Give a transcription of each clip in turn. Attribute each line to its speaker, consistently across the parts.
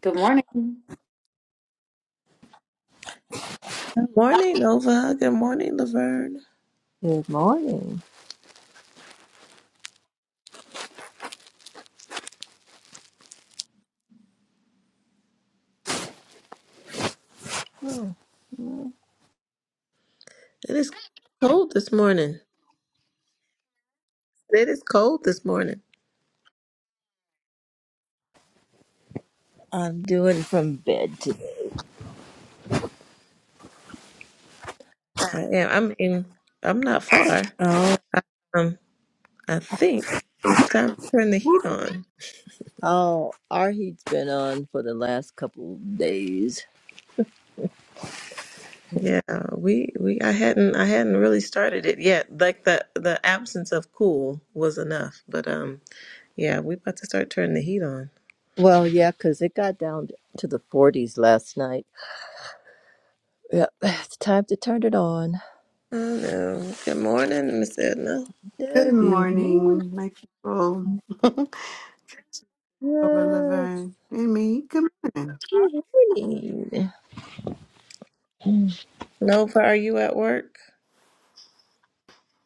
Speaker 1: Good morning.
Speaker 2: Good morning, Nova. Good morning, Laverne.
Speaker 3: Good morning. Oh, well,
Speaker 2: It is cold this morning. It is cold this morning.
Speaker 3: I'm doing from bed today.
Speaker 2: I am. I'm in. I'm not far.
Speaker 3: Oh,
Speaker 2: I, um, I think it's time to turn the heat on.
Speaker 3: Oh, our heat's been on for the last couple of days.
Speaker 2: Yeah, we we. I hadn't. I hadn't really started it yet. Like the the absence of cool was enough. But um, yeah, we about to start turning the heat on.
Speaker 3: Well, yeah, 'cause it got down to the 40s last night. Yep, it's time to turn it on.
Speaker 2: Oh no. Good morning, Miss Edna.
Speaker 3: The
Speaker 4: Good
Speaker 3: Good morning.
Speaker 4: morning, my people. Over
Speaker 3: Yes,
Speaker 4: Laverne and me. Good
Speaker 3: good morning. Mm,
Speaker 2: Nova, are you at work?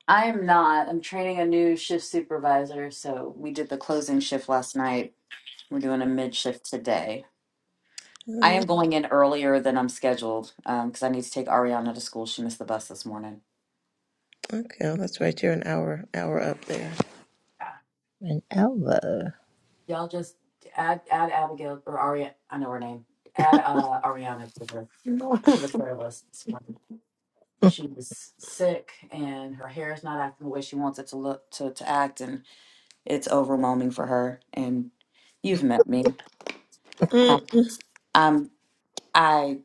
Speaker 1: I am not. I'm training a new shift supervisor, so we did the closing shift last night. We're doing a mid shift today. I
Speaker 2: Mm,
Speaker 1: am going in earlier than I'm scheduled because I need to take Ariana to school. She missed the bus this morning.
Speaker 2: Okay, well, that's right. You're an hour hour up there.
Speaker 3: And Alva,
Speaker 1: Yeah. Y'all just add add Abigail or Ariana. I know her name. Add uh, Ariana to the to
Speaker 4: morning.
Speaker 1: the prayer list this morning. She was sick and her hair is not acting the way she wants it to look to, to act, and it's overwhelming for her. And you've met me.
Speaker 2: Mm,
Speaker 1: Um, I'm. I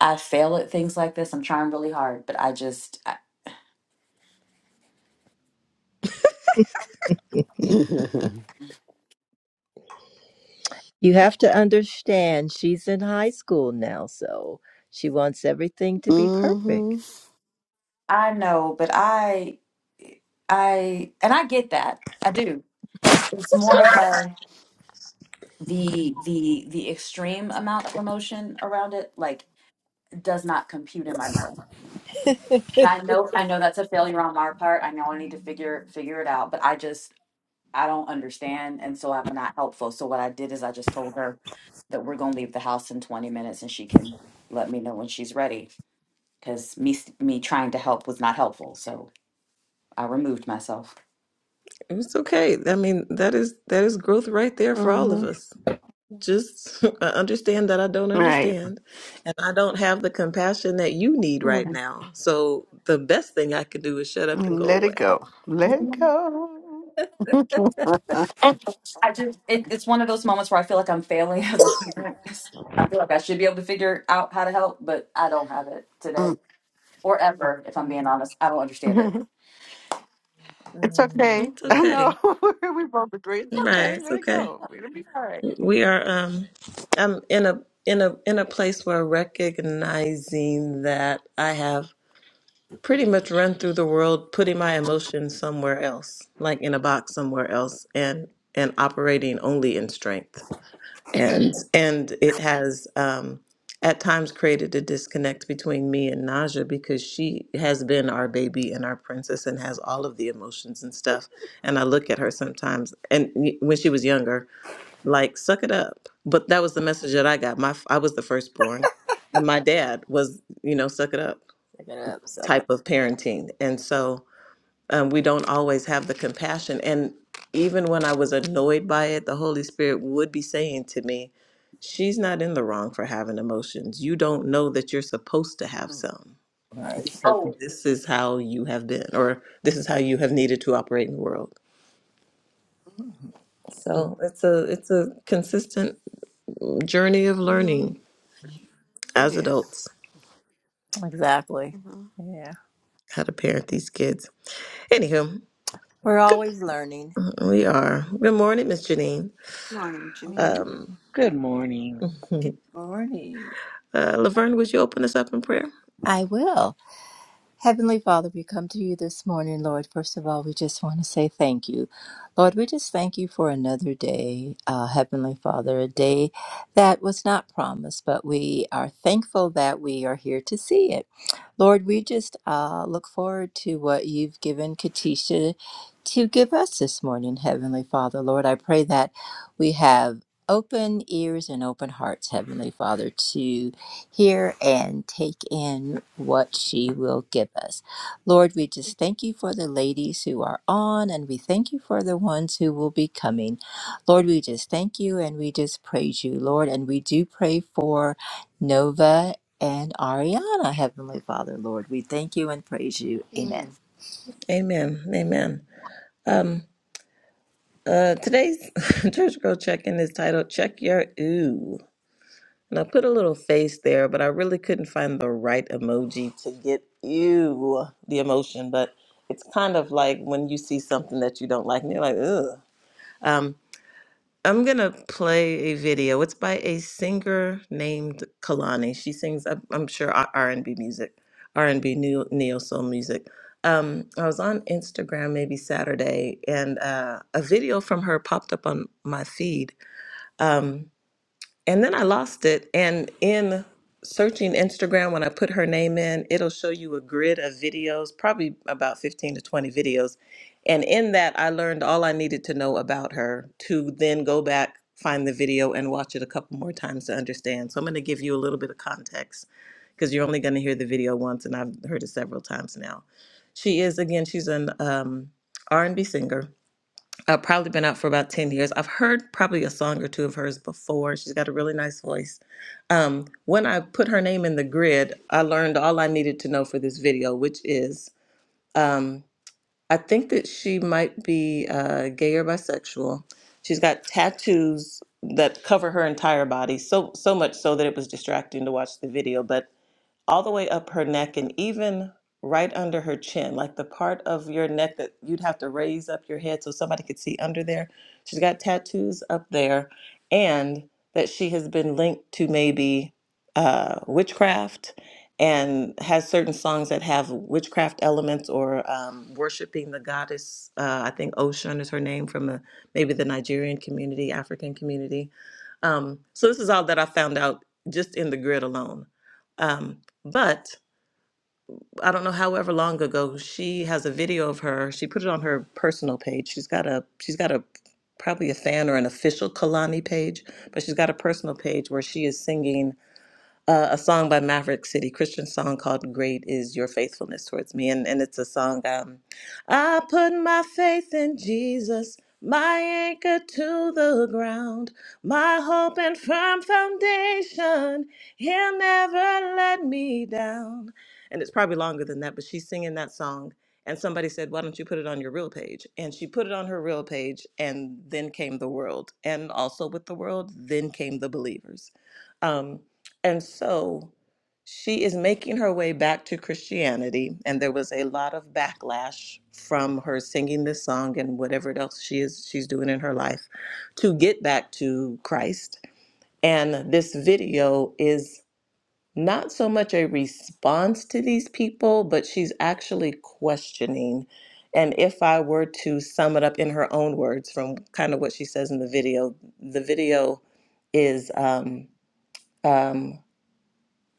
Speaker 1: I fail at things like this. I'm trying really hard, but I just I,
Speaker 3: you have to understand, she's in high school now, so she wants everything to be
Speaker 4: mm-hmm.
Speaker 3: perfect.
Speaker 1: I know, but I I and I get that. I do. It's more of a the the the extreme amount of emotion around it like does not compute in my brain. And I know I know that's a failure on my part. I know I need to figure figure it out, but I just I don't understand and so I'm not helpful. So what I did is I just told her that we're going to leave the house in 20 minutes and she can let me know when she's ready because me s- me trying to help was not helpful. So I removed myself.
Speaker 2: It's okay. I mean, that is that is growth right there for all of
Speaker 4: Mm-hmm.
Speaker 2: us. Just I understand that I don't
Speaker 4: Right.
Speaker 2: understand and I don't have the compassion that you need right
Speaker 4: Mm.
Speaker 2: now. So the best thing I could do is shut up and
Speaker 4: And
Speaker 2: go
Speaker 4: let it
Speaker 2: away.
Speaker 4: go. Let
Speaker 1: Yeah.
Speaker 4: it go. Uh,
Speaker 1: I just it, it's one of those moments where I feel like I'm failing as a parent. I feel like I should be able to figure out how to help, but I don't have it today
Speaker 4: mm.
Speaker 1: or ever. If I'm being honest, I don't understand it.
Speaker 4: it's
Speaker 3: mm,
Speaker 4: okay.
Speaker 2: It's
Speaker 3: yeah.
Speaker 4: I
Speaker 2: okay.
Speaker 4: know. we both agree. It's
Speaker 2: Right,
Speaker 4: okay.
Speaker 2: it's
Speaker 4: Let it
Speaker 2: okay.
Speaker 4: go. It'll be all right.
Speaker 2: We are um I'm in a in a in a place where recognizing that I have pretty much run through the world putting my emotions somewhere else, like in a box somewhere else and and operating only in strength. and and it has um, at times created a disconnect between me and Naja because she has been our baby and our princess and has all of the emotions and stuff. And I look at her sometimes, and y- when she was younger, like suck it up. But that was the message that I got. My f- I was the firstborn, and my dad was you know suck it up
Speaker 3: Second up, second.
Speaker 2: type of parenting, and so um, we don't always have the compassion. And even when I was annoyed by it, the Holy Spirit would be saying to me, She's not in the wrong for having emotions. You don't know that you're supposed to have
Speaker 4: Mm.
Speaker 2: some
Speaker 3: Right.
Speaker 2: because
Speaker 1: Oh,
Speaker 2: this is how you have been, or this is how you have needed to operate in the world. So it's a it's a consistent journey of
Speaker 4: Mhm.
Speaker 2: learning
Speaker 4: It
Speaker 2: as
Speaker 4: is.
Speaker 2: adults
Speaker 3: Exactly.
Speaker 4: Mhm.
Speaker 3: Yeah.
Speaker 2: how to parent these kids. Anywho,
Speaker 3: We're always learning.
Speaker 2: we are. Good morning, Miss Janine.
Speaker 4: Morning,
Speaker 3: Um,
Speaker 4: Janine.
Speaker 2: Um,
Speaker 5: Good morning.
Speaker 2: uh,
Speaker 3: Morning,
Speaker 2: Laverne, would you open us up in prayer?
Speaker 3: I will. Heavenly Father, we come to you this morning, Lord. First of all, we just want to say thank you. Lord, we just thank you for another day, uh, Heavenly Father, a day that was not promised, but we are thankful that we are here to see it. Lord, we just uh, look forward to what you've given Katisha to give us this morning, Heavenly Father. Lord, I pray that we have open ears and open hearts, Heavenly Father, to hear and take in what she will give us. Lord, we just thank you for the ladies who are on, and we thank you for the ones who will be coming. Lord, we just thank you and we just praise you, Lord. And we do pray for Nova and Ariana, Heavenly Father, Lord. We thank you and praise you.
Speaker 4: Yeah.
Speaker 3: Amen.
Speaker 2: Amen. Amen. Um, uh, today's church girl check-in is titled "Check Your Ooh." And I put a little face there, but I really couldn't find the right emoji to get "ew" the emotion. But it's kind of like when you see something that you don't like, and you're like "ugh." Um, I'm gonna play a video. It's by a singer named Kalani. She sings, I'm I'm sure, R- R&B music, R&B neo, neo soul music. Um, I was on Instagram maybe Saturday, and uh, a video from her popped up on my feed. Um, and then I lost it. And in searching Instagram, when I put her name in, it'll show you a grid of videos, probably about 15 to 20 videos. And in that, I learned all I needed to know about her to then go back, find the video, and watch it a couple more times to understand. So I'm going to give you a little bit of context because you're only going to hear the video once, and I've heard it several times now. She is, again, she's an um, R&B singer uh, probably been out for about 10 years. I've heard probably a song or two of hers before. She's got a really nice voice. Um, when I put her name in the grid, I learned all I needed to know for this video, which is um, I think that she might be uh, gay or bisexual. She's got tattoos that cover her entire body, so so much so that it was distracting to watch the video. But all the way up her neck and even right under her chin, like the part of your neck that you'd have to raise up your head so somebody could see under there. She's got tattoos up there, and that she has been linked to maybe uh, witchcraft and has certain songs that have witchcraft elements or um, worshiping the goddess. Uh, I think Oshun is her name from the maybe the Nigerian community, African community. Um, so this is all that I found out just in the grid alone. Um, but I don't know however long ago she has a video of her. She put it on her personal page. She's got a she's got a probably a fan or an official Kalani page, but she's got a personal page where she is singing uh, a song by Maverick City, Christian song called Great is Your Faithfulness Towards Me. And, and it's a song, um, I put my faith in Jesus, my anchor to the ground, my hope and firm foundation. He'll never let me down. And it's probably longer than that, but she's singing that song. And somebody said, Why don't you put it on your real page? And she put it on her real page, and then came the world. And also with the world, then came the believers. Um, and so she is making her way back to Christianity, and there was a lot of backlash from her singing this song and whatever else she is she's doing in her life to get back to Christ. And this video is not so much a response to these people, but she's actually questioning. And if I were to sum it up in her own words from kind of what she says in the video, the video is um, um,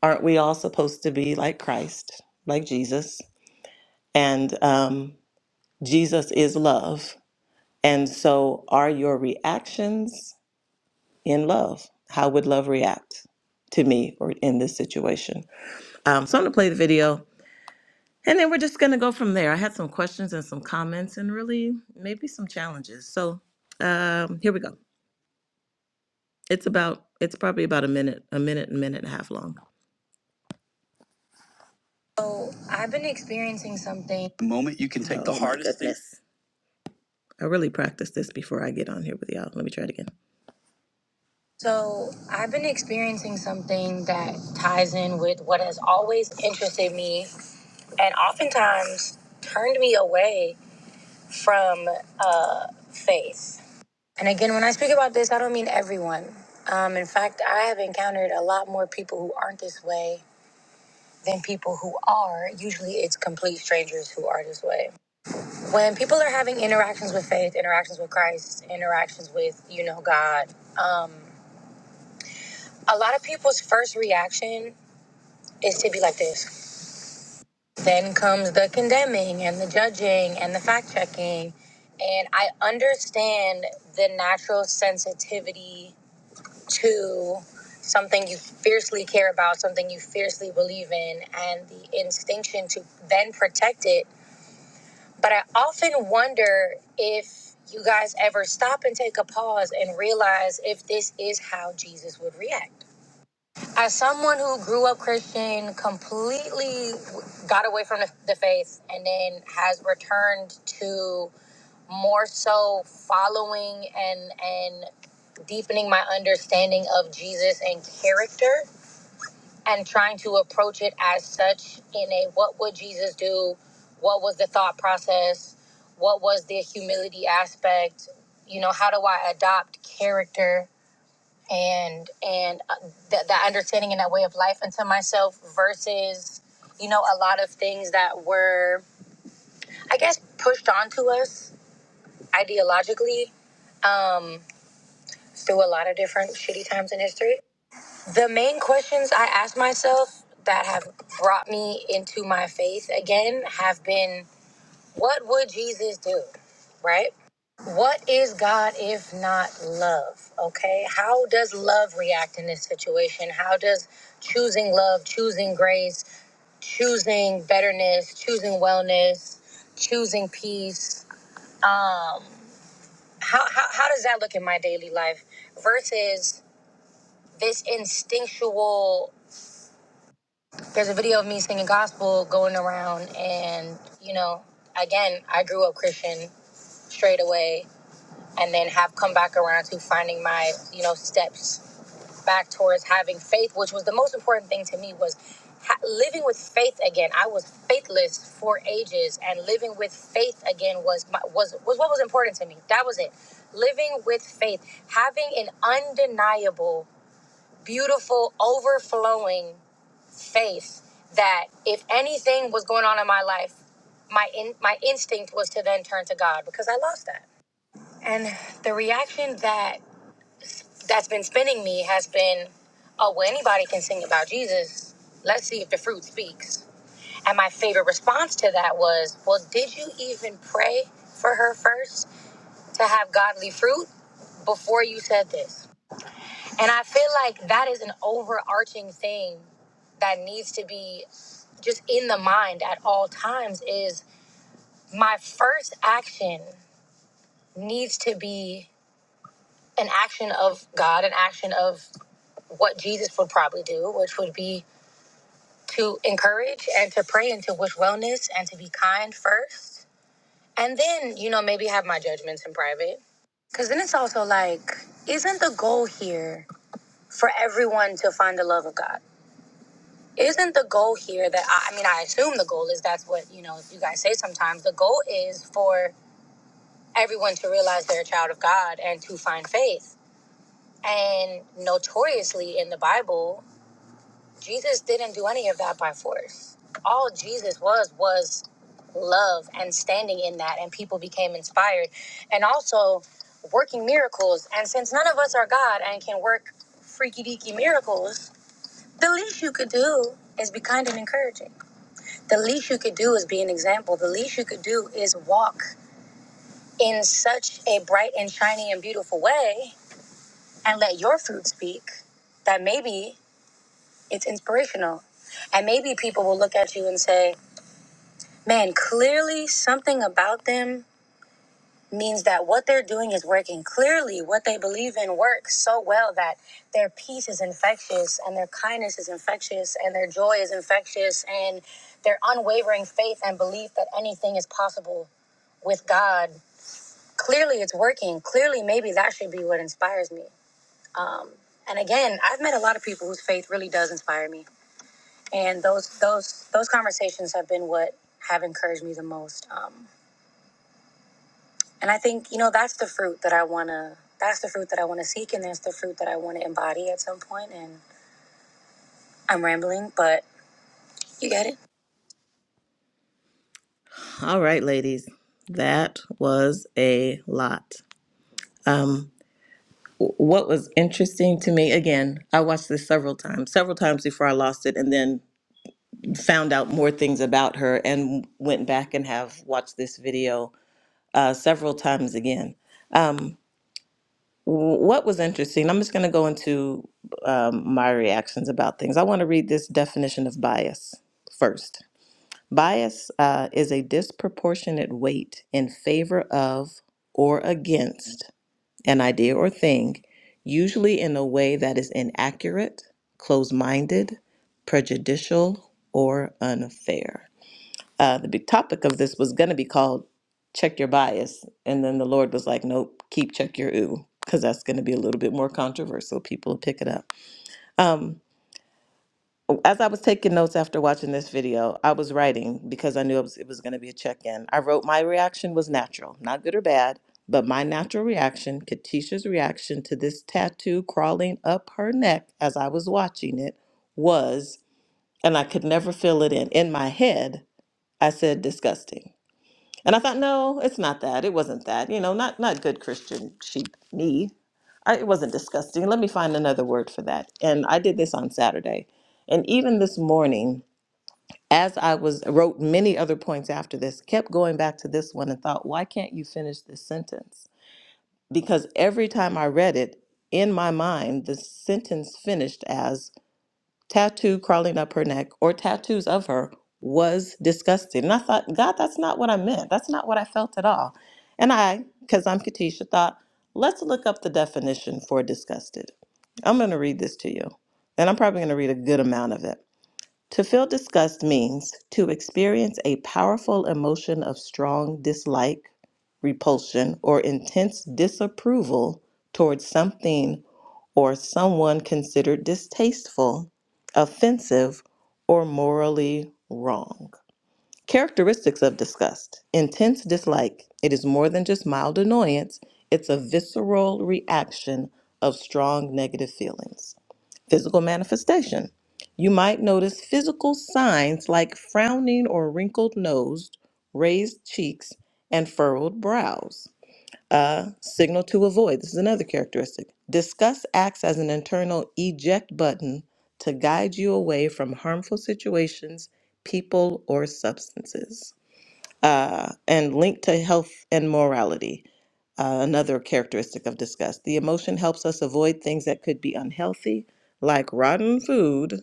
Speaker 2: aren't we all supposed to be like Christ, like Jesus? And um, Jesus is love. And so, are your reactions in love? How would love react to me or in this situation? Um, so, I'm going to play the video and then we're just going to go from there. I had some questions and some comments and really maybe some challenges. So, um, here we go. It's about, it's probably about a minute, a minute, a minute and a half long. So, I've been experiencing something. The moment you can take the Oh my hardest thing- goodness. I really practice this before I get on here with y'all. Let me try it again. So, I've been experiencing something that ties in with what has always interested me and oftentimes turned me away from uh, faith. And again, when I speak about this, I don't mean everyone. Um, in fact, I have encountered a lot more people who aren't this way than people who are. Usually, it's complete strangers who are this way. when people are having interactions with faith, interactions with Christ, interactions with, you know, God, um, a lot of people's first reaction is to be like this. Then comes the condemning and the judging and the fact checking. And I understand the natural sensitivity to something you fiercely care about, something you fiercely believe in, and the instinction to then protect it But I often wonder if you guys ever stop and take a pause and realize if this is how Jesus would react. As someone who grew up Christian, completely got away from the, the faith, and then has returned to more so following and and deepening my understanding of Jesus and character, and trying to approach it as such in a what would Jesus do? What was the thought process? What was the humility aspect? You know, how do I adopt character and and uh, th- that understanding and that way of life into myself versus you know a lot of things that were I guess pushed onto us ideologically um, through a lot of different shitty times in history The main questions I ask myself that have brought me into my faith again have been what would Jesus do? Right? What is God if not love? Okay. How does love react in this situation? How does choosing love, choosing grace, choosing betterness, choosing wellness, choosing peace. Um, how, how, how does that look in my daily life versus this instinctual there's a video of me singing gospel going around and you know again i grew up christian straight away and then have come back around to finding my you know steps back towards having faith which was the most important thing to me was ha- living with faith again i was faithless for ages and living with faith again was my, was was what was important to me that was it living with faith having an undeniable beautiful overflowing faith that if anything was going on in my life, my in, my instinct was to then turn to God because I lost that. And the reaction that that's been spinning me has been, oh well, anybody can sing about Jesus. Let's see if the fruit speaks. And my favorite response to that was, well, did you even pray for her first to have godly fruit before you said this? And I feel like that is an overarching thing that needs to be just in the mind at all times is my first action needs to be an action of God, an action of what Jesus would probably do, which would be to encourage and to pray and to wish wellness and to be kind first. And then, you know, maybe have my judgments in private. Because then it's also like, isn't the goal here for everyone to find the love of God? isn't the goal here that I, I mean i assume the goal is that's what you know you guys say sometimes the goal is for everyone to realize they're a child of god and to find faith and notoriously in the bible jesus didn't do any of that by force all jesus was was love and standing in that and people became inspired and also working miracles and since none of us are god and can work freaky deaky miracles the least you could do is be kind and encouraging the least you could do is be an example. The least you could do is walk in such a bright and shiny and beautiful way and let your fruit speak that maybe it's inspirational. And maybe people will look at you and say, man, clearly something about them means that what they're doing is working. Clearly, what they believe in works so well that their peace is infectious and their kindness is infectious and their joy is infectious and their unwavering faith and belief that anything is possible with God, clearly it's working. Clearly, maybe that should be what inspires me. Um, and again, I've met a lot of people whose faith really does inspire me, and those those those conversations have been what have encouraged me the most. Um, and I think you know that's the fruit that I wanna that's the fruit that I wanna seek, and that's the fruit that I wanna embody at some point. And I'm rambling, but you get it. All right, ladies, that was a lot. Um, what was interesting to me again i watched this several times several times before i lost it and then found out more things about her and went back and have watched this video uh, several times again um, w- what was interesting i'm just going to go into um, my reactions about things i want to read this definition of bias first bias uh, is a disproportionate weight in favor of or against an idea or thing, usually in a way that is inaccurate, closed minded, prejudicial, or unfair. Uh, the big topic of this was going to be called Check Your Bias. And then the Lord was like, Nope, keep Check Your Ooh, because that's going to be a little bit more controversial. People will pick it up. Um, as I was taking notes after watching this video, I was writing because I knew it was, it was going to be a check in. I wrote, My reaction was natural, not good or bad, but my natural reaction, Katisha's reaction to this tattoo crawling up her neck as I was watching it was, and I could never fill it in. In my head, I said, Disgusting. And I thought, no, it's not that. It wasn't that. You know, not not good Christian sheep me. I, it wasn't disgusting. Let me find another word for that. And I did this on Saturday, and even this morning, as I was wrote many other points after this, kept going back to this one and thought, why can't you finish this sentence? Because every time I read it in my mind, the sentence finished as tattoo crawling up her neck or tattoos of her was disgusting. And I thought, God, that's not what I meant. That's not what I felt at all. And I, because I'm Katisha, thought, let's look up the definition for disgusted. I'm going to read this to you. And I'm probably going to read a good amount of it. To feel disgust means to experience a powerful emotion of strong dislike, repulsion, or intense disapproval towards something or someone considered distasteful, offensive, or morally wrong. Characteristics of disgust intense dislike. It is more than just mild annoyance, it's a visceral reaction of strong negative feelings. Physical manifestation. You might notice physical signs like frowning or wrinkled nose, raised cheeks, and furrowed brows. A signal to avoid. This is another characteristic. Disgust acts as an internal eject button to guide you away from harmful situations, people, or substances. Uh, and linked to health and morality. Uh, another characteristic of disgust. The emotion helps us avoid things that could be unhealthy, like rotten food,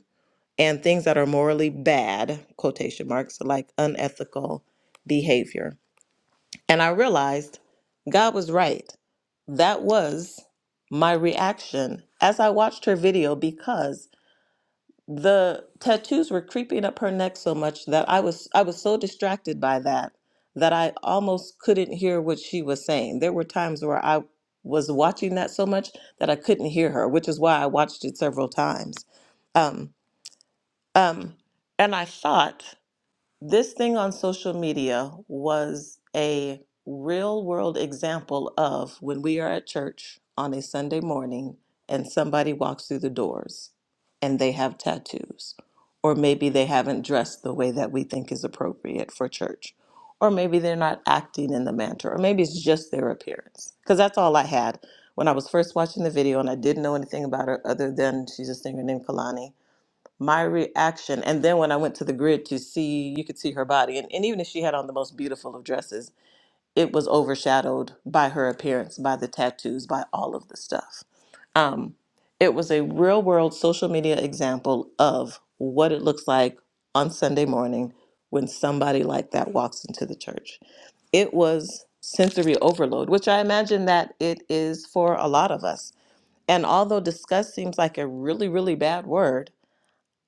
Speaker 2: and things that are morally bad, quotation marks, like unethical behavior. And I realized God was right. That was my reaction as I watched her video because the tattoos were creeping up her neck so much that I was I was so distracted by that that I almost couldn't hear what she was saying. There were times where I was watching that so much that I couldn't hear her, which is why I watched it several times. Um, um, and I thought. This thing on social media was a real world example of when we are at church on a Sunday morning and somebody walks through the doors and they have tattoos, or maybe they haven't dressed the way that we think is appropriate for church, or maybe they're not acting in the manner, or maybe it's just their appearance. Because that's all I had when I was first watching the video and I didn't know anything about her other than she's a singer named Kalani my reaction and then when i went to the grid to see you could see her body and, and even if she had on the most beautiful of dresses it was overshadowed by her appearance by the tattoos by all of the stuff um, it was a real world social media example of what it looks like on sunday morning when somebody like that walks into the church it was sensory overload which i imagine that it is for a lot of us and although disgust seems like a really really bad word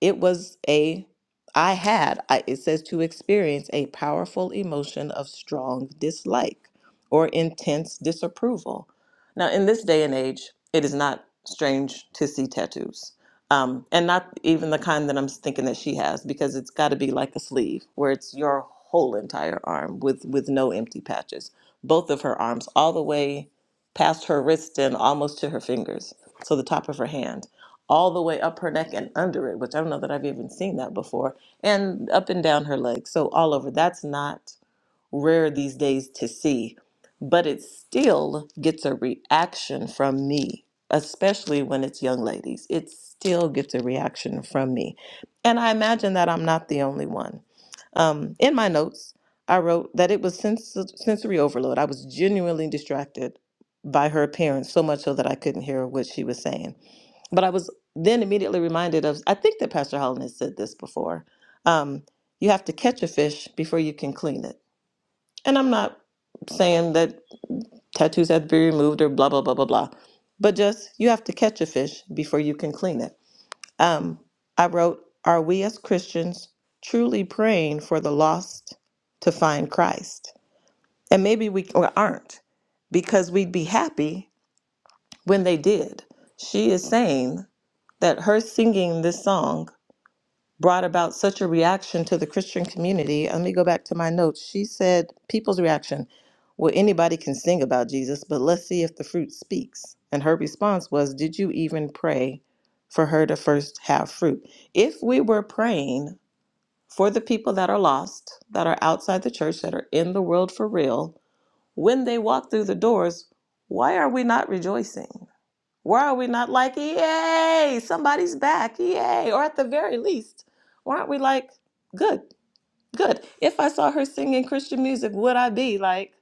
Speaker 2: it was a, I had, I, it says to experience a powerful emotion of strong dislike or intense disapproval. Now, in this day and age, it is not strange to see tattoos. Um, and not even the kind that I'm thinking that she has, because it's got to be like a sleeve where it's your whole entire arm with with no empty patches. Both of her arms, all the way past her wrist and almost to her fingers, so the top of her hand all the way up her neck and under it, which I don't know that I've even seen that before, and up and down her legs. So all over. That's not rare these days to see, but it still gets a reaction from me, especially when it's young ladies. It still gets a reaction from me. And I imagine that I'm not the only one. Um, in my notes, I wrote that it was sens- sensory overload. I was genuinely distracted by her appearance, so much so that I couldn't hear what she was saying. But I was then immediately reminded of, I think that Pastor Holland has said this before. Um, you have to catch a fish before you can clean it. And I'm not saying that tattoos have to be removed or blah, blah, blah, blah, blah. But just you have to catch a fish before you can clean it. Um, I wrote, Are we as Christians truly praying for the lost to find Christ? And maybe we or aren't because we'd be happy when they did. She is saying that her singing this song brought about such a reaction to the Christian community. Let me go back to my notes. She said, People's reaction, well, anybody can sing about Jesus, but let's see if the fruit speaks. And her response was, Did you even pray for her to first have fruit? If we were praying for the people that are lost, that are outside the church, that are in the world for real, when they walk through the doors, why are we not rejoicing? Why are we not like, yay, somebody's back, yay? Or at the very least, why aren't we like, good? Good. If I saw her singing Christian music, would I be like,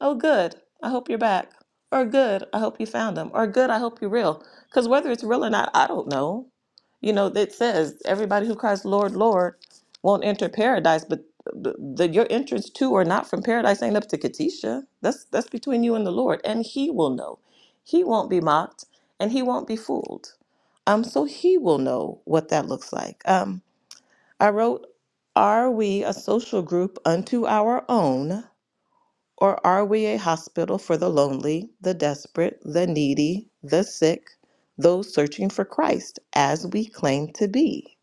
Speaker 2: oh, good, I hope you're back? Or good, I hope you found them. Or good, I hope you're real. Because whether it's real or not, I don't know. You know, it says everybody who cries, Lord, Lord, won't enter paradise, but but the, your entrance to or not from paradise ain't up to Katisha. That's that's between you and the Lord, and He will know. He won't be mocked, and He won't be fooled. Um, so He will know what that looks like. Um, I wrote, Are we a social group unto our own, or are we a hospital for the lonely, the desperate, the needy, the sick, those searching for Christ, as we claim to be?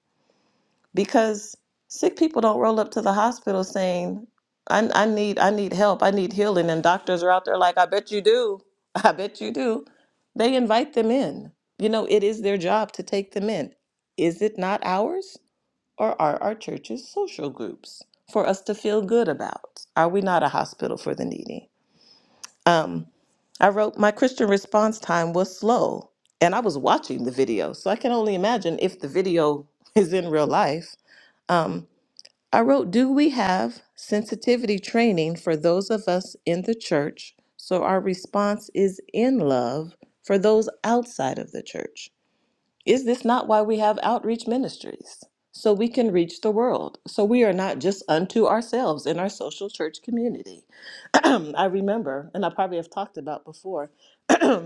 Speaker 2: Because sick people don't roll up to the hospital saying, I, I need I need help, I need healing, and doctors are out there like, I bet you do, I bet you do. They invite them in. You know, it is their job to take them in. Is it not ours? or are our churches social groups for us to feel good about? Are we not a hospital for the needy? Um, I wrote, My Christian response time was slow, and I was watching the video, so I can only imagine if the video is in real life. Um, I wrote, Do we have sensitivity training for those of us in the church so our response is in love for those outside of the church? Is this not why we have outreach ministries? So we can reach the world. So we are not just unto ourselves in our social church community. I remember, and I probably have talked about before, um,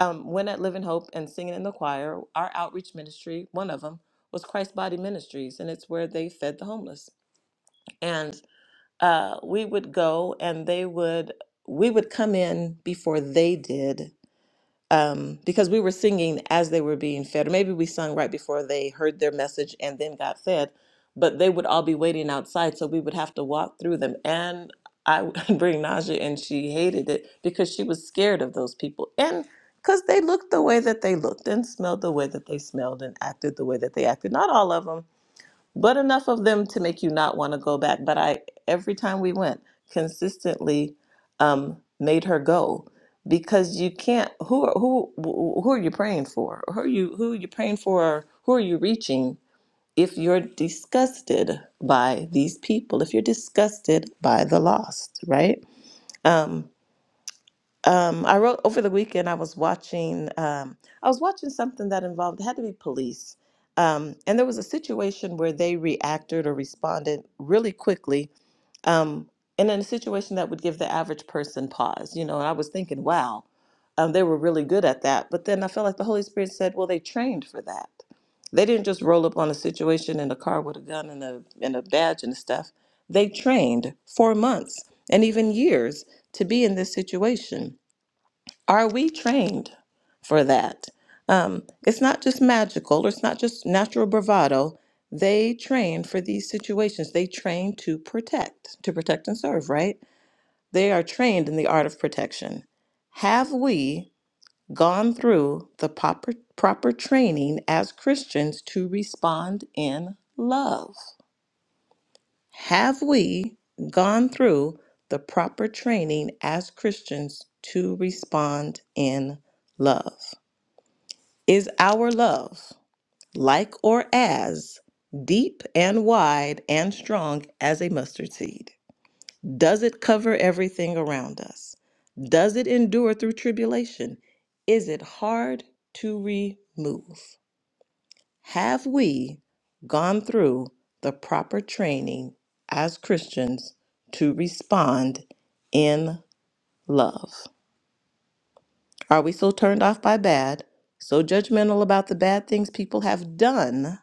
Speaker 2: when at Living Hope and singing in the choir, our outreach ministry, one of them, was Christ Body Ministries, and it's where they fed the homeless. And uh, we would go, and they would we would come in before they did um, because we were singing as they were being fed, or maybe we sung right before they heard their message and then got fed. But they would all be waiting outside, so we would have to walk through them. And I would bring nausea, and she hated it because she was scared of those people, and because they looked the way that they looked, and smelled the way that they smelled, and acted the way that they acted. Not all of them, but enough of them to make you not want to go back. But I, every time we went, consistently um, made her go because you can't. Who are who? Who are you praying for? Who are you? Who are you praying for? Who are you reaching? If you're disgusted by these people, if you're disgusted by the lost, right? Um, um, I wrote over the weekend. I was watching. Um, I was watching something that involved it had to be police, um, and there was a situation where they reacted or responded really quickly, um, and in a situation that would give the average person pause. You know, and I was thinking, wow, um, they were really good at that. But then I felt like the Holy Spirit said, well, they trained for that. They didn't just roll up on a situation in a car with a gun and a and a badge and stuff. They trained for months and even years to be in this situation. Are we trained for that? Um, it's not just magical, it's not just natural bravado. They train for these situations. They train to protect, to protect and serve, right? They are trained in the art of protection. Have we gone through the proper, proper training as Christians to respond in love? Have we gone through the proper training as Christians to respond in love? Is our love like or as deep and wide and strong as a mustard seed? Does it cover everything around us? Does it endure through tribulation? Is it hard to remove? Have we gone through the proper training as Christians to respond in love? Are we so turned off by bad, so judgmental about the bad things people have done?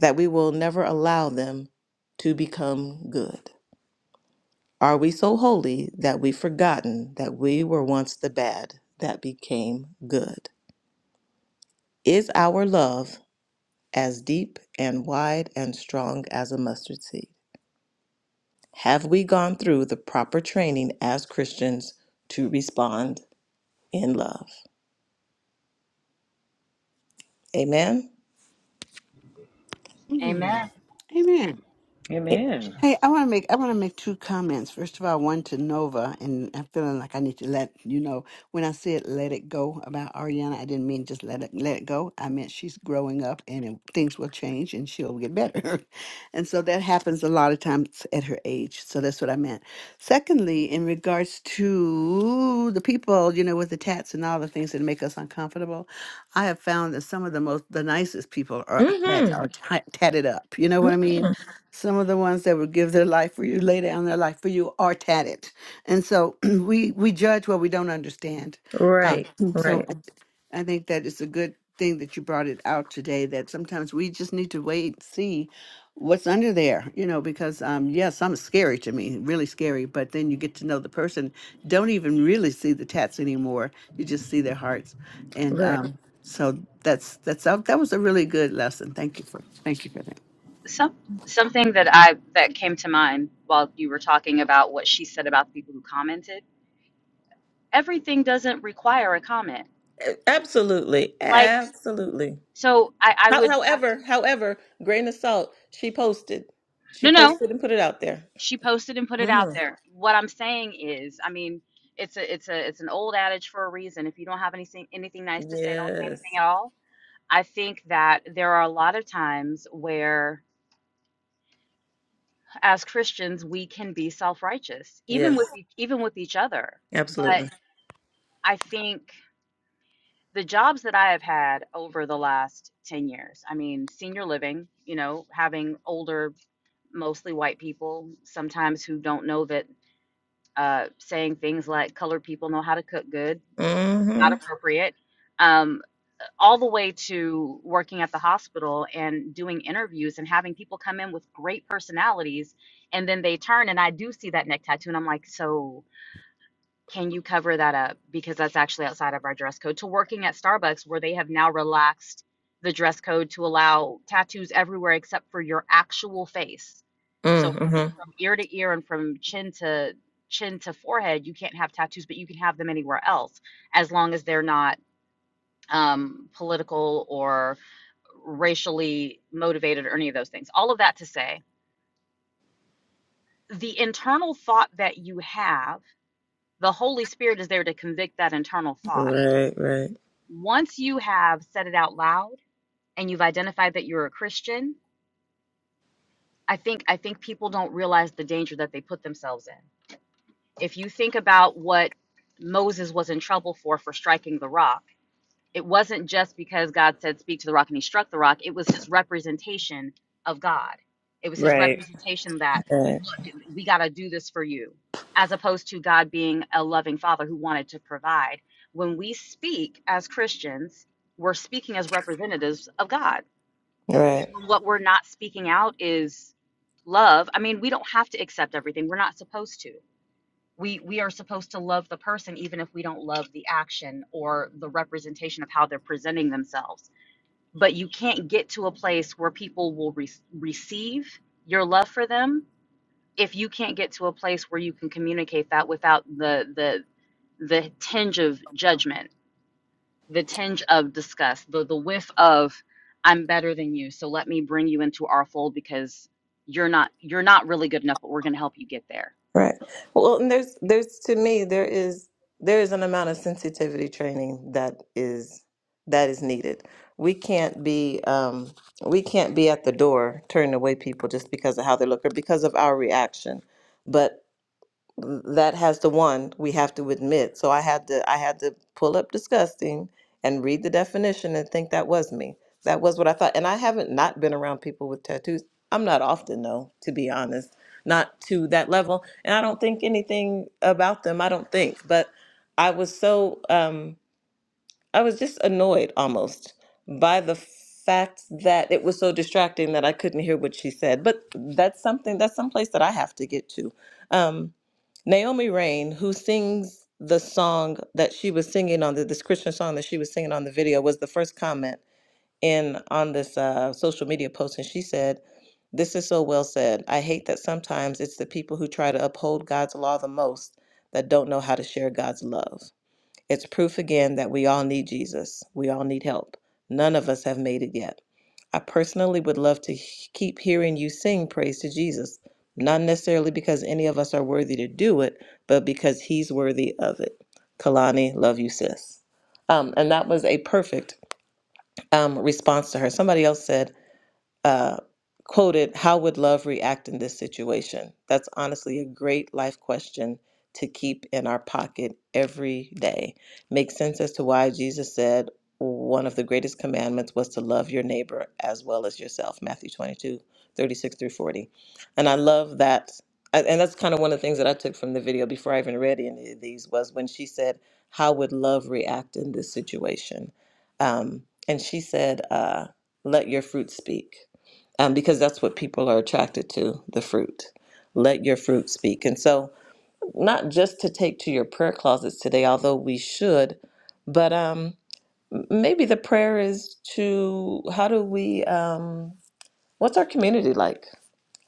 Speaker 2: that we will never allow them to become good? Are we so holy that we've forgotten that we were once the bad that became good? Is our love as deep and wide and strong as a mustard seed? Have we gone through the proper training as Christians to respond in love? Amen?
Speaker 4: Mm.
Speaker 1: Amen.
Speaker 4: Amen.
Speaker 5: Amen.
Speaker 4: Hey, I want to make I want to make two comments. First of all, one to Nova, and I'm feeling like I need to let you know when I said "let it go" about Ariana. I didn't mean just let it let it go. I meant she's growing up, and it, things will change, and she'll get better. and so that happens a lot of times at her age. So that's what I meant. Secondly, in regards to the people, you know, with the tats and all the things that make us uncomfortable, I have found that some of the most the nicest people are
Speaker 2: Mm,
Speaker 4: tat- are tat- tatted up. You know what I mean? Some of the ones that would give their life for you, lay down their life for you, are tatted. And so we we judge what we don't understand.
Speaker 2: Right,
Speaker 4: Um, so I, I think that it's a good thing that you brought it out today. That sometimes we just need to wait and see what's under there, you know. Because um, yeah, some is scary to me, really scary. But then you get to know the person. Don't even really see the tats anymore. You just see their hearts. And
Speaker 2: right.
Speaker 4: um, so that's that's that was a really good lesson. Thank you for thank you for that.
Speaker 1: Some something that I that came to mind while you were talking about what she said about the people who commented. Everything doesn't require a comment.
Speaker 2: Absolutely,
Speaker 1: Like
Speaker 2: absolutely.
Speaker 1: so, I I
Speaker 2: How,
Speaker 1: would I,
Speaker 2: however, however, grain of salt, she posted. She
Speaker 1: no no.
Speaker 2: posted and put it out there.
Speaker 1: she posted and put it out
Speaker 2: hmm
Speaker 1: there. What I'm saying is, I mean, it's a it's a it's an old adage for a reason. If you don't have anything anything nice to say, don't say
Speaker 2: Yes.
Speaker 1: anything at all. I think that there are a lot of times where as Christians we can be self-righteous, even
Speaker 2: Yes.
Speaker 1: with e- even with each other. But
Speaker 2: Absolutely.
Speaker 1: I think the jobs that I have had over the last 10 years, I mean, senior living, you know, having older mostly white people sometimes who don't know that uh, saying things like colored people know how to cook good, not
Speaker 2: Mm-hmm.
Speaker 1: appropriate, um, all the way to working at the hospital and doing interviews and having people come in with great personalities. And then they turn, and I do see that neck tattoo, and I'm like, so can you cover that up? Because that's actually outside of our dress code. To working at Starbucks, where they have now relaxed the dress code to allow tattoos everywhere except for your actual face. So from,
Speaker 2: Mm-hmm.
Speaker 1: from ear to ear and from chin to chin to forehead, you can't have tattoos, but you can have them anywhere else as long as they're not um, political or racially motivated or any of those things. All of that to say, the internal thought that you have, the Holy Spirit is there to convict that internal thought
Speaker 2: Right, right.
Speaker 1: once you have said it out loud and you've identified that you're a Christian, I think I think people don't realize the danger that they put themselves in. If you think about what Moses was in trouble for for striking the rock, it wasn't just because God said, Speak to the rock, and he struck the rock. It was his representation of God. It was his
Speaker 2: Right.
Speaker 1: representation that,
Speaker 2: Right.
Speaker 1: Look, we got to do this for you, as opposed to God being a loving father who wanted to provide. When we speak as Christians, we're speaking as representatives of God.
Speaker 2: Right.
Speaker 1: What we're not speaking out is love. I mean, we don't have to accept everything, we're not supposed to we we are supposed to love the person even if we don't love the action or the representation of how they're presenting themselves but you can't get to a place where people will re- receive your love for them if you can't get to a place where you can communicate that without the the the tinge of judgment the tinge of disgust the the whiff of i'm better than you so let me bring you into our fold because you're not you're not really good enough but we're going to help you get there
Speaker 2: Right. Well, and there's there's to me there is there is an amount of sensitivity training that is that is needed. We can't be um we can't be at the door turning away people just because of how they look or because of our reaction. But that has the one we have to admit. So I had to I had to pull up disgusting and read the definition and think that was me. That was what I thought. And I haven't not been around people with tattoos. I'm not often though, to be honest. Not to that level. And I don't think anything about them, I don't think. But I was so um I was just annoyed almost by the fact that it was so distracting that I couldn't hear what she said. But that's something, that's someplace that I have to get to. Um, Naomi Rain, who sings the song that she was singing on the this Christian song that she was singing on the video, was the first comment in on this uh, social media post, and she said, "This is so well said. I hate that sometimes it's the people who try to uphold God's law the most that don't know how to share God's love." It's proof again that we all need Jesus. We all need help. None of us have made it yet. I personally would love to h- keep hearing you sing praise to Jesus, not necessarily because any of us are worthy to do it, but because he's worthy of it. Kalani, love you, sis. Um, and that was a perfect um, response to her. Somebody else said, uh, quoted, How would love react in this situation? That's honestly a great life question to keep in our pocket every day. Makes sense as to why Jesus said one of the greatest commandments was to love your neighbor as well as yourself, Matthew 22, 36 through 40. And I love that. a- And that's kind of one of the things that I took from the video before I even read any of these was when she said, How would love react in this situation? Um, and she said, uh, Let your fruit speak um, because that's what people are attracted to the fruit. Let your fruit speak. And so, not just to take to your prayer closets today, although we should, but um, maybe the prayer is to how do we, um, what's our community like?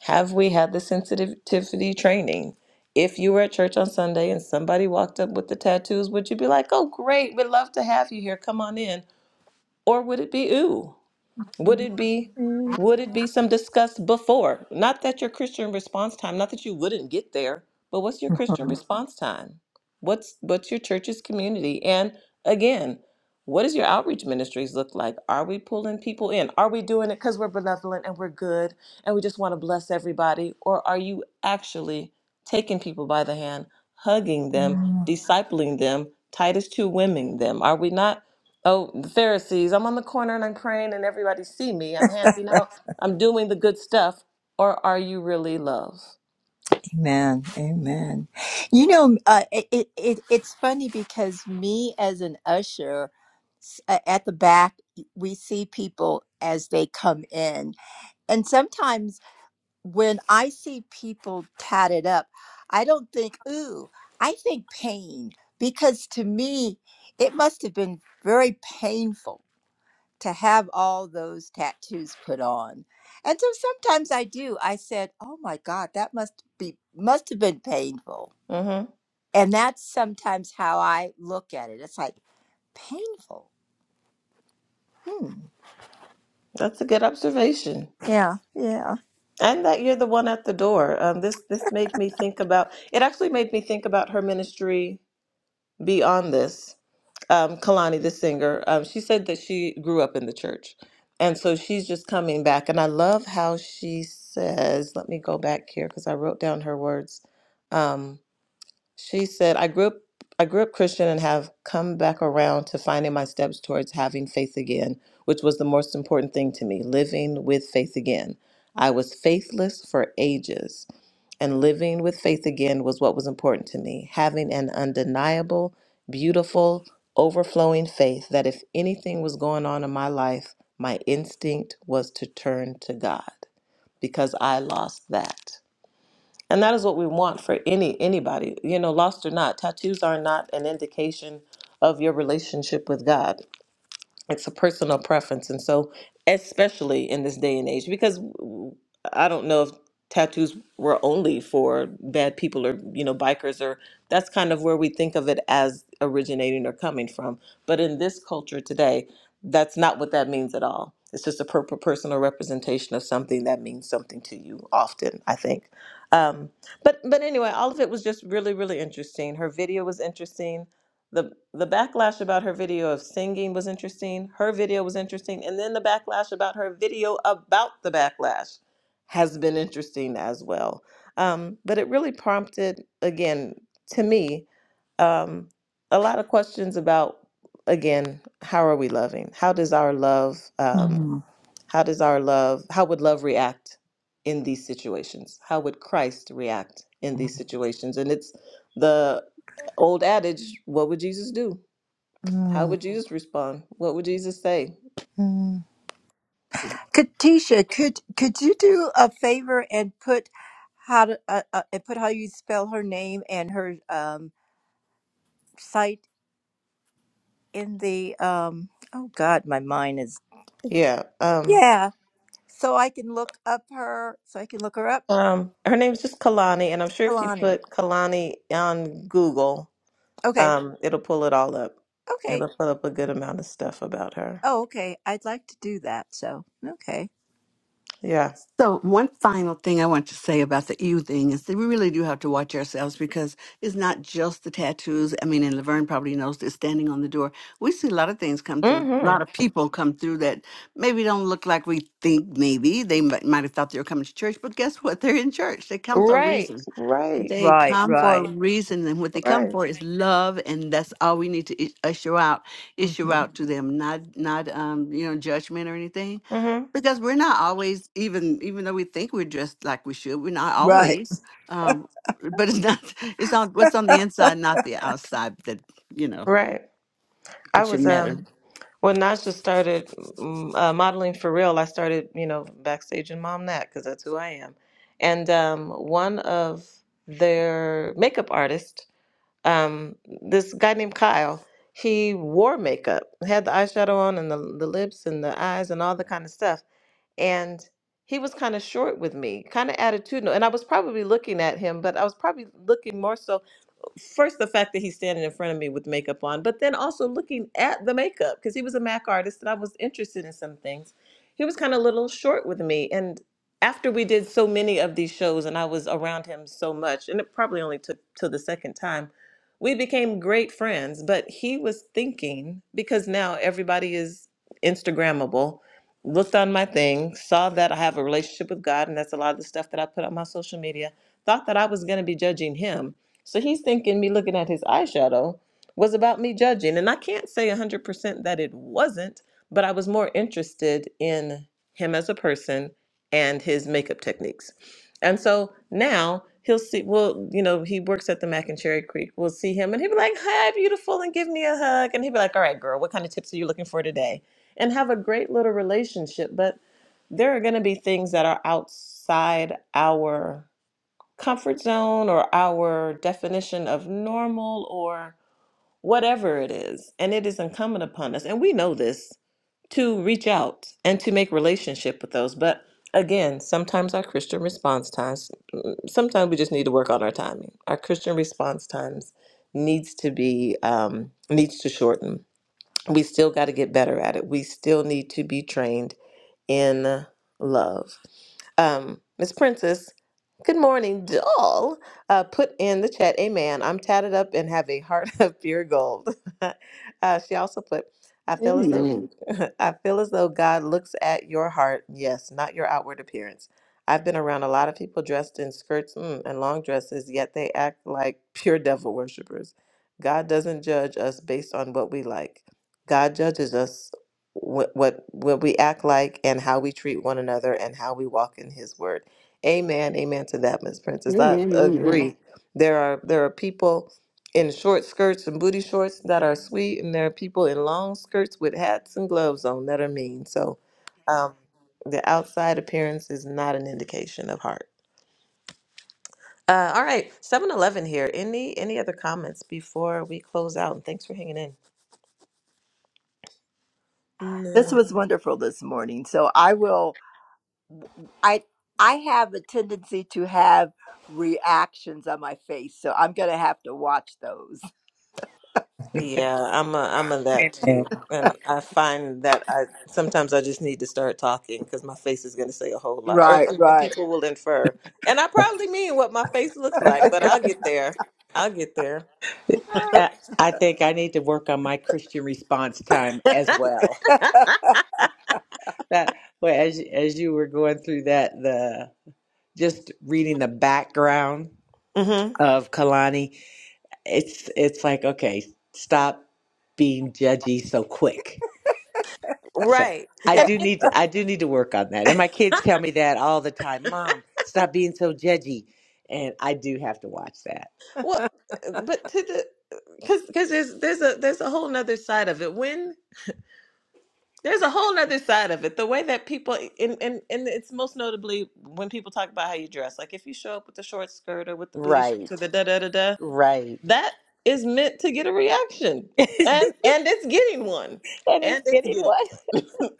Speaker 2: Have we had the sensitivity training? If you were at church on Sunday and somebody walked up with the tattoos, would you be like, oh, great, we'd love to have you here, come on in? Or would it be, ooh? Would it be would it be some discussed before? Not that your Christian response time, not that you wouldn't get there, but what's your Christian response time? What's what's your church's community? And again, what does your outreach ministries look like? Are we pulling people in? Are we doing it because we're benevolent and we're good and we just want to bless everybody? Or are you actually taking people by the hand, hugging them, discipling them, Titus 2 women them? Are we not? Oh, the Pharisees, I'm on the corner and I'm praying and everybody see me. I'm handing, I'm doing the good stuff. Or are you really love?
Speaker 3: Amen. Amen. You know, uh, it, it, it it's funny because me as an usher s- a- at the back, we see people as they come in, and sometimes when I see people tatted up, I don't think ooh, I think pain because to me it must have been very painful to have all those tattoos put on. And so sometimes I do. I said, "Oh my god, that must be must have been painful."
Speaker 2: Mm-hmm.
Speaker 3: And that's sometimes how I look at it. It's like painful. Hmm.
Speaker 2: That's a good observation.
Speaker 3: Yeah, yeah.
Speaker 2: And that you're the one at the door. Um, this this made me think about it actually made me think about her ministry beyond this, um, Kalani, the singer, um, she said that she grew up in the church. And so she's just coming back. And I love how she says, let me go back here because I wrote down her words. Um, she said, I grew up. I grew up Christian and have come back around to finding my steps towards having faith again, which was the most important thing to me living with faith again. I was faithless for ages and living with faith again was what was important to me. Having an undeniable, beautiful, overflowing faith that if anything was going on in my life, my instinct was to turn to God because I lost that. And that is what we want for any anybody, you know, lost or not. Tattoos are not an indication of your relationship with God it's a personal preference and so especially in this day and age because I i don't know if tattoos were only for bad people or you know bikers or that's kind of where we think of it as originating or coming from but in this culture today that's not what that means at all it's just a per- per- personal representation of something that means something to you often i think um, but but anyway all of it was just really really interesting her video was interesting the the backlash about her video of singing was interesting. Her video was interesting, and then the backlash about her video about the backlash has been interesting as well. Um, but it really prompted, again, to me, um, a lot of questions about, again, how are we loving? How does our love um,
Speaker 3: Mhm.
Speaker 2: how does our love how would love react in these situations how would christ react in these situations and it's the old adage, what would Jesus do? How would
Speaker 3: Mm-hmm.
Speaker 2: Jesus respond? What would Jesus say?
Speaker 3: Katisha, could could you do a favor and put how to uh, uh, and put how you spell her name and her um site in the um oh god, my mind is
Speaker 2: Yeah. Um,
Speaker 3: yeah so I can look up her, so I can look her up.
Speaker 2: um, her name's just Kalani, and I'm sure if you
Speaker 3: Kalani.
Speaker 2: put Kalani on Google,
Speaker 3: Okay.
Speaker 2: um, it'll pull it all up.
Speaker 3: Okay.
Speaker 2: It'll pull up a good amount of stuff about her.
Speaker 3: Oh, okay. I'd like to do that. So, okay.
Speaker 2: Yeah.
Speaker 4: So, one final thing I want to say about the you thing is that we really do have to watch ourselves because it's not just the tattoos. I mean, and Laverne probably knows this standing on the door. We see a lot of things come through, a
Speaker 2: Mm-hmm.
Speaker 4: lot of people come through that maybe don't look like we think maybe. They might might have thought they were coming to church, but guess what? They're in church. They come for a
Speaker 2: Right.
Speaker 4: reason.
Speaker 2: Right.
Speaker 4: They
Speaker 3: Right,
Speaker 4: come for a
Speaker 3: right.
Speaker 4: reason, and what they come
Speaker 2: Right.
Speaker 4: for is love, and that's all we need to i- usher out, issue
Speaker 3: hmm
Speaker 4: out to them, not not um you know judgment or anything
Speaker 2: Mm-hmm.
Speaker 4: because we're not always even even though we think we're dressed like we should we're not
Speaker 3: Right.
Speaker 4: always um but it's not it's on what's on the inside not the outside that you know
Speaker 2: Right. I
Speaker 4: that should
Speaker 2: was
Speaker 4: matter
Speaker 2: um When Nasha started mm, uh, modeling for real, I started, you know, backstage and Mom that because that's who I am. And um, one of their makeup artists, um, this guy named Kyle, he wore makeup, had the eyeshadow on and the, the lips and the eyes and all the kind of stuff. And he was kind of short with me, kind of attitudinal. And I was probably looking at him, but I was probably looking more so first the fact that he's standing in front of me with makeup on, but then also looking at the makeup because he was a Mac artist and I was interested in some things. He was kind of a little short with me. And after we did so many of these shows and I was around him so much, and it probably only took till the second time, we became great friends. But he was thinking, because now everybody is Instagrammable, looked on my thing, saw that I have a relationship with God, and that's a lot of the stuff that I put on my social media, thought that I was going to be judging him so he's thinking me looking at his eyeshadow was about me judging. And I can't say 100% that it wasn't, but I was more interested in him as a person and his makeup techniques. And so now he'll see, well, you know, he works at the Mac and Cherry Creek. We'll see him and he'll be like, hi, beautiful, and give me a hug. And he'll be like, all right, girl, what kind of tips are you looking for today? And have a great little relationship. But there are going to be things that are outside our comfort zone or our definition of normal or whatever it is. And it is incumbent upon us, and we know this, to reach out and to make relationship with those. But again, sometimes our Christian response times, sometimes we just need to work on our timing. Our Christian response times needs to be um, needs to shorten. We still got to get better at it. We still need to be trained in love. Um, Miss Princess, good morning, doll. Uh, put in the chat, amen. I'm tatted up and have a heart of pure gold. uh, she also put, I feel as though
Speaker 4: amen
Speaker 2: I feel as though God looks at your heart, yes, not your outward appearance. I've been around a lot of people dressed in skirts mm, and long dresses, yet they act like pure devil worshippers. God doesn't judge us based on what we like. God judges us what what what we act like and how we treat one another and how we walk in his word. Amen. Amen to that, Miss Princess. I
Speaker 4: amen
Speaker 2: Amen.
Speaker 4: amen
Speaker 2: agree. There are there are people in short skirts and booty shorts that are sweet and there are people in long skirts with hats and gloves on that are mean. So um the outside appearance is not an indication of heart. Uh, all right, Seven Eleven here. Any any other comments before we close out? And thanks for hanging in.
Speaker 3: This
Speaker 2: No.
Speaker 3: was wonderful this morning. So I will, I, I have a tendency to have reactions on my face. So I'm going to have to watch those.
Speaker 2: Yeah, I'm a I'm a that too.
Speaker 5: Amen.
Speaker 2: And I find that I sometimes I just need to start talking because my face is going to say a whole lot, or
Speaker 3: Right,
Speaker 2: and and
Speaker 3: right.
Speaker 2: people will infer. And I probably mean what my face looks like, but I'll get there. I'll get there.
Speaker 3: Ah,
Speaker 5: I, I think I need to work on my Christian response time as well. That well, as as you were going through that, the just reading the background
Speaker 2: hmm
Speaker 5: of Kalani, it's it's like okay, stop being judgy so quick. So
Speaker 2: Right.
Speaker 5: I
Speaker 3: Yeah.
Speaker 2: And
Speaker 5: do
Speaker 2: it,
Speaker 5: need to, I do need to work on that, and my kids tell me that all the time. Mom, stop being so judgy, and I do have to watch that.
Speaker 2: well, but to the because because there's there's a there's a whole nother side of it when. There's a whole nother side of it. The way that people, and, and, and it's most notably when people talk about how you dress. Like if you show up with the short skirt or with the booty shorts or
Speaker 5: Right,
Speaker 2: the da da da da,
Speaker 5: right.
Speaker 2: that is meant to get a reaction, and and it's getting one,
Speaker 5: and it's
Speaker 2: and it's
Speaker 5: getting
Speaker 2: getting
Speaker 5: one.
Speaker 2: one.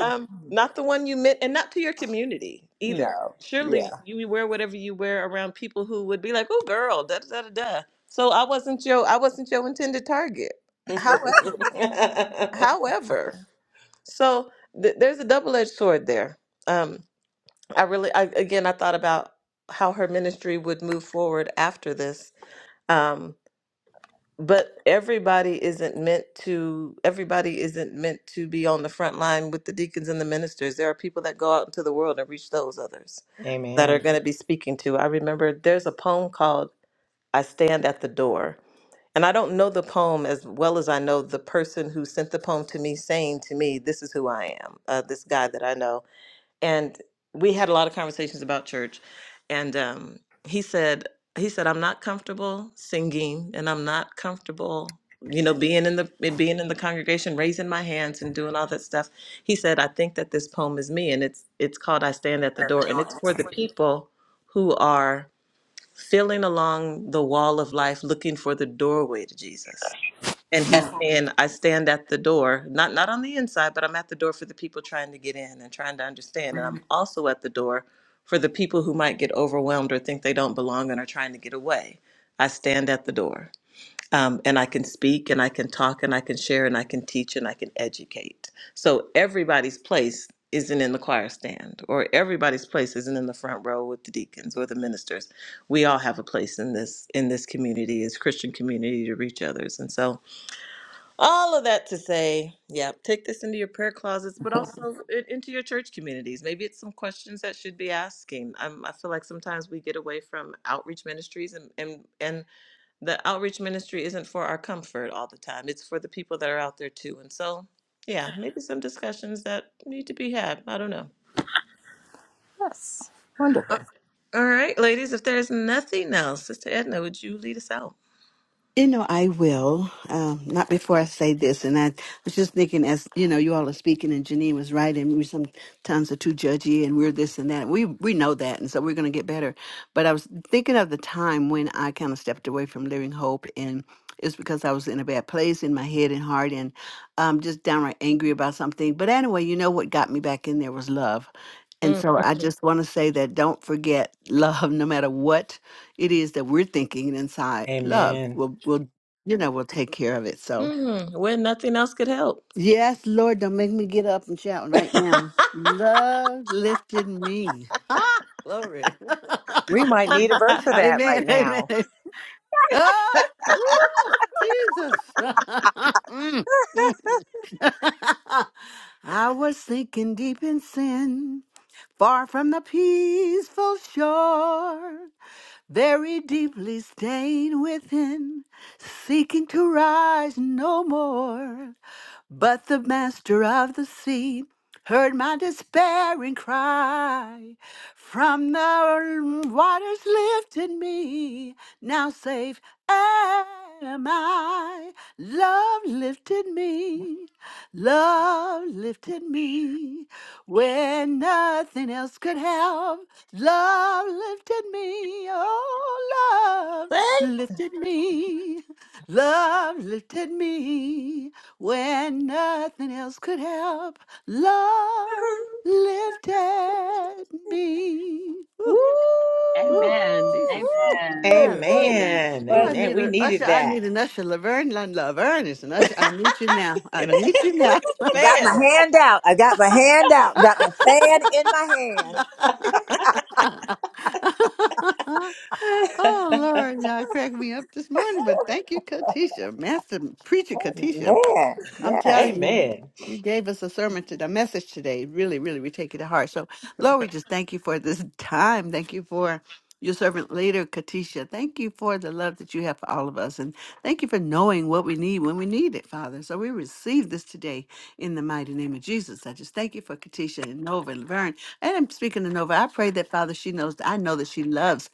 Speaker 2: um,
Speaker 3: Mhm.
Speaker 2: not the one you meant, and not to your community either.
Speaker 5: No.
Speaker 2: Surely
Speaker 5: Yeah.
Speaker 2: you wear whatever you wear around people who would be like, "Oh, girl, da da da da." da." So I wasn't your I wasn't your intended target. However, however. So th- there's a double-edged sword there. Um, I really, I, again, I thought about how her ministry would move forward after this. Um, but everybody isn't meant to. Everybody isn't meant to be on the front line with the deacons and the ministers. There are people that go out into the world and reach those others that are
Speaker 5: Amen.
Speaker 2: going to be speaking to. I remember there's a poem called "I Stand at the Door." And I don't know the poem as well as I know the person who sent the poem to me, saying to me, "This is who I am." Uh, this guy that I know, and we had a lot of conversations about church and um, he said he said i'm not comfortable singing and i'm not comfortable you know being in the eh, being in the congregation raising my hands and doing all that stuff he said i think that this poem is me and it's it's called i stand at the door and it's for the people who are feeling along the wall of life looking for the doorway to jesus and he's saying, I stand at the door, not not on the inside, but I'm at the door for the people trying to get in and trying to understand. And I'm also at the door for the people who might get overwhelmed or think they don't belong and are trying to get away. I stand at the door. Um, and I can speak and I can talk and I can share and I can teach and I can educate. So everybody's place isn't in the choir stand or everybody's place isn't in the front row with the deacons or the ministers. We all have a place in this in this community as Christian community to reach others. And so all of that to say, yeah, take this into your prayer closets, but also i- into your church communities. Maybe it's some questions that should be asking. Um, I feel like sometimes we get away from outreach ministries, and, and and the outreach ministry isn't for our comfort all the time. It's for the people that are out there too. And so, yeah, maybe some discussions that need to be had. I don't know.
Speaker 3: yes.
Speaker 2: Uh,
Speaker 3: Wonderful.
Speaker 2: All right, ladies, if there's nothing else, Sister Edna, would you lead us out?
Speaker 4: You know, I will. Um, not before I say this. And I was just thinking, as you know, you all are speaking, and Janine was right, and we sometimes are too judgy, and we're this and that. We we know that, and so we're going to get better. But I was thinking of the time when I kind of stepped away from Living Hope, and it's because I was in a bad place in my head and heart, and um, just downright angry about something. But anyway, you know what got me back in there was love. And
Speaker 2: Mm,
Speaker 4: so I
Speaker 2: mhm.
Speaker 4: just want to say that don't forget love no matter what it is that we're thinking inside love
Speaker 5: Amen.
Speaker 4: will will you know will take care of it so
Speaker 2: Mhm. Where nothing else could help.
Speaker 4: yes lord don't make me get up and shout right now love lifted me ah glory
Speaker 5: We might need a verse of that right
Speaker 4: amen
Speaker 5: now.
Speaker 4: amen ah woo, jesus Mm, mm. i was sinking deep in sin far from the peaceful shore very deeply stained within, seeking to rise no more. But the master of the sea heard my despairing cry. From the waters lifted me, now safe am I. Love lifted me, Love lifted me when nothing else could help. Love lifted me. Oh, love
Speaker 2: Thank
Speaker 4: lifted me. Love lifted me when nothing else could help. Love
Speaker 2: you.
Speaker 4: lifted me.
Speaker 2: Woo!
Speaker 4: Ooh, ooh,
Speaker 1: Amen.
Speaker 4: Jesus.
Speaker 2: woo,
Speaker 1: Amen.
Speaker 4: I,
Speaker 2: woo.
Speaker 1: Amen.
Speaker 5: Amen.
Speaker 4: ooh, I
Speaker 5: Amen.
Speaker 4: need
Speaker 5: We
Speaker 4: a usher.
Speaker 5: needed
Speaker 4: I need
Speaker 5: that.
Speaker 4: an usher. Laverne, Laverne is an usher. I need you now. I
Speaker 2: It'll
Speaker 4: need
Speaker 2: usher in
Speaker 4: you
Speaker 2: the
Speaker 4: now.
Speaker 2: blanket in the
Speaker 3: Got my
Speaker 2: fan.
Speaker 3: hand out. I got my hand out. Got my fan in my hand.
Speaker 4: oh Lord, y'all cracked me up this morning, but thank you, Katisha, Master Preacher Katisha.
Speaker 3: Man,
Speaker 4: I'm
Speaker 3: yes.
Speaker 4: telling you,
Speaker 5: Amen.
Speaker 4: you gave us a sermon today, a message today. Really, really, we take it to heart. So, Lord, we just thank you for this time. Thank you for your servant leader, Katisha. Thank you for the love that you have for all of us. And thank you for knowing what we need when we need it, Father. So we receive this today in the mighty name of Jesus. I just thank you for Katisha and Nova and Laverne. And I'm speaking to Nova. I pray that, Father, she knows I know that she loves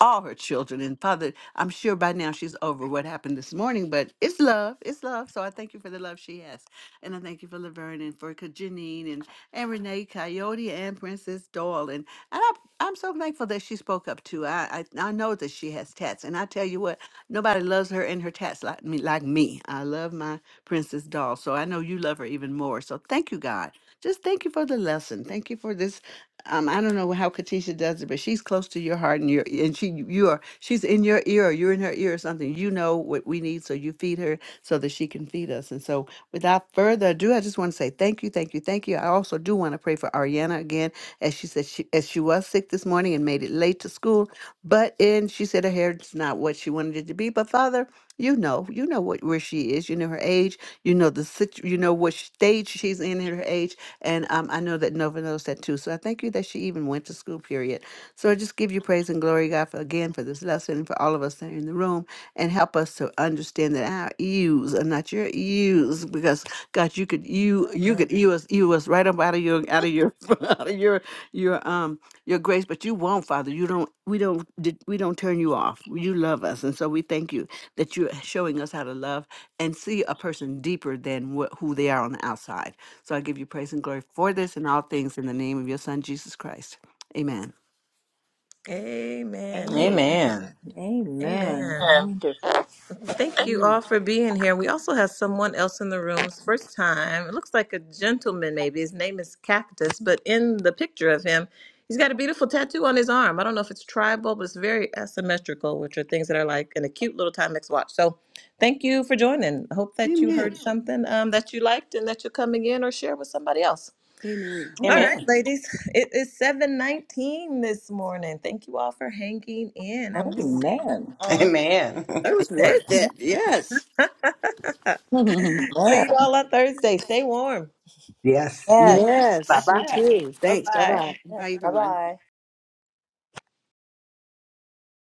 Speaker 4: all her children. And Father, I'm sure by now she's over what happened this morning, but it's love. It's love. So I thank you for the love she has. And I thank you for Laverne and for Janine and, and Renee Coyote and Princess Doyle. And, and I, I'm so thankful that she spoke up too. I, I, I know that she has tats. And I tell you what, nobody loves her and her tats like me, like me. I love my Princess Doll. So I know you love her even more. So thank you, God. Just thank you for the lesson. Thank you for this um, I don't know how Katisha does it, but she's close to your heart and your and she you are she's in your ear, or you're in her ear or something. You know what we need, so you feed her so that she can feed us. And so without further ado, I just want to say thank you, thank you, thank you. I also do want to pray for Ariana again, as she said she as she was sick this morning and made it late to school, but and she said her hair's not what she wanted it to be. But Father. You know, you know what where she is. You know her age. You know the situ- You know what stage she's in at her age. And um, I know that Nova knows that too. So I thank you that she even went to school. Period. So I just give you praise and glory, God, for again for this lesson and for all of us that are in the room, and help us to understand that our ears are not your ears use because God, you could you you
Speaker 2: Mhm.
Speaker 4: could you us you us right up out of your out of your out of your your um your grace, but you won't, Father. You don't we don't di- we don't turn you off. You love us, and so we thank you that you're showing us how to love and see a person deeper than what who they are on the outside. So I give you praise and glory for this and all things in the name of your Son Jesus Christ. Amen.
Speaker 2: Amen.
Speaker 3: Amen.
Speaker 5: Amen.
Speaker 2: Amen.
Speaker 3: Amen.
Speaker 2: Amen.
Speaker 3: Wonderful.
Speaker 2: Thank you
Speaker 4: Mm.
Speaker 2: all for being here. We also have someone else in the rooms. first time. It looks like a gentleman, maybe. His name is Cactus, but in the picture of him, he's got a beautiful tattoo on his arm. I don't know if it's tribal, but it's very asymmetrical, which are things that are like in a cute little Timex watch. So thank you for joining. I hope that you heard
Speaker 4: Amen.
Speaker 2: something um, that you liked and that you're coming in or share with somebody else.
Speaker 4: Amen.
Speaker 2: All
Speaker 3: Amen.
Speaker 2: right,
Speaker 5: Amen.
Speaker 2: ladies, it is 7:19 this morning. Thank you all for hanging in, and we'll
Speaker 4: Mm.
Speaker 2: see you on
Speaker 5: Amen.
Speaker 4: It was
Speaker 2: Thursday.
Speaker 4: worth
Speaker 3: Amen.
Speaker 4: it. Yes.
Speaker 2: See you all on Thursday. Stay warm.
Speaker 5: Yes.
Speaker 3: Yes.
Speaker 5: Bye
Speaker 4: Yes, you
Speaker 5: bye.
Speaker 4: too.
Speaker 2: Bye
Speaker 4: Thanks. Bye
Speaker 2: bye.
Speaker 4: bye.
Speaker 3: Yes.
Speaker 4: Bye,
Speaker 3: Bye
Speaker 4: everyone.
Speaker 3: bye.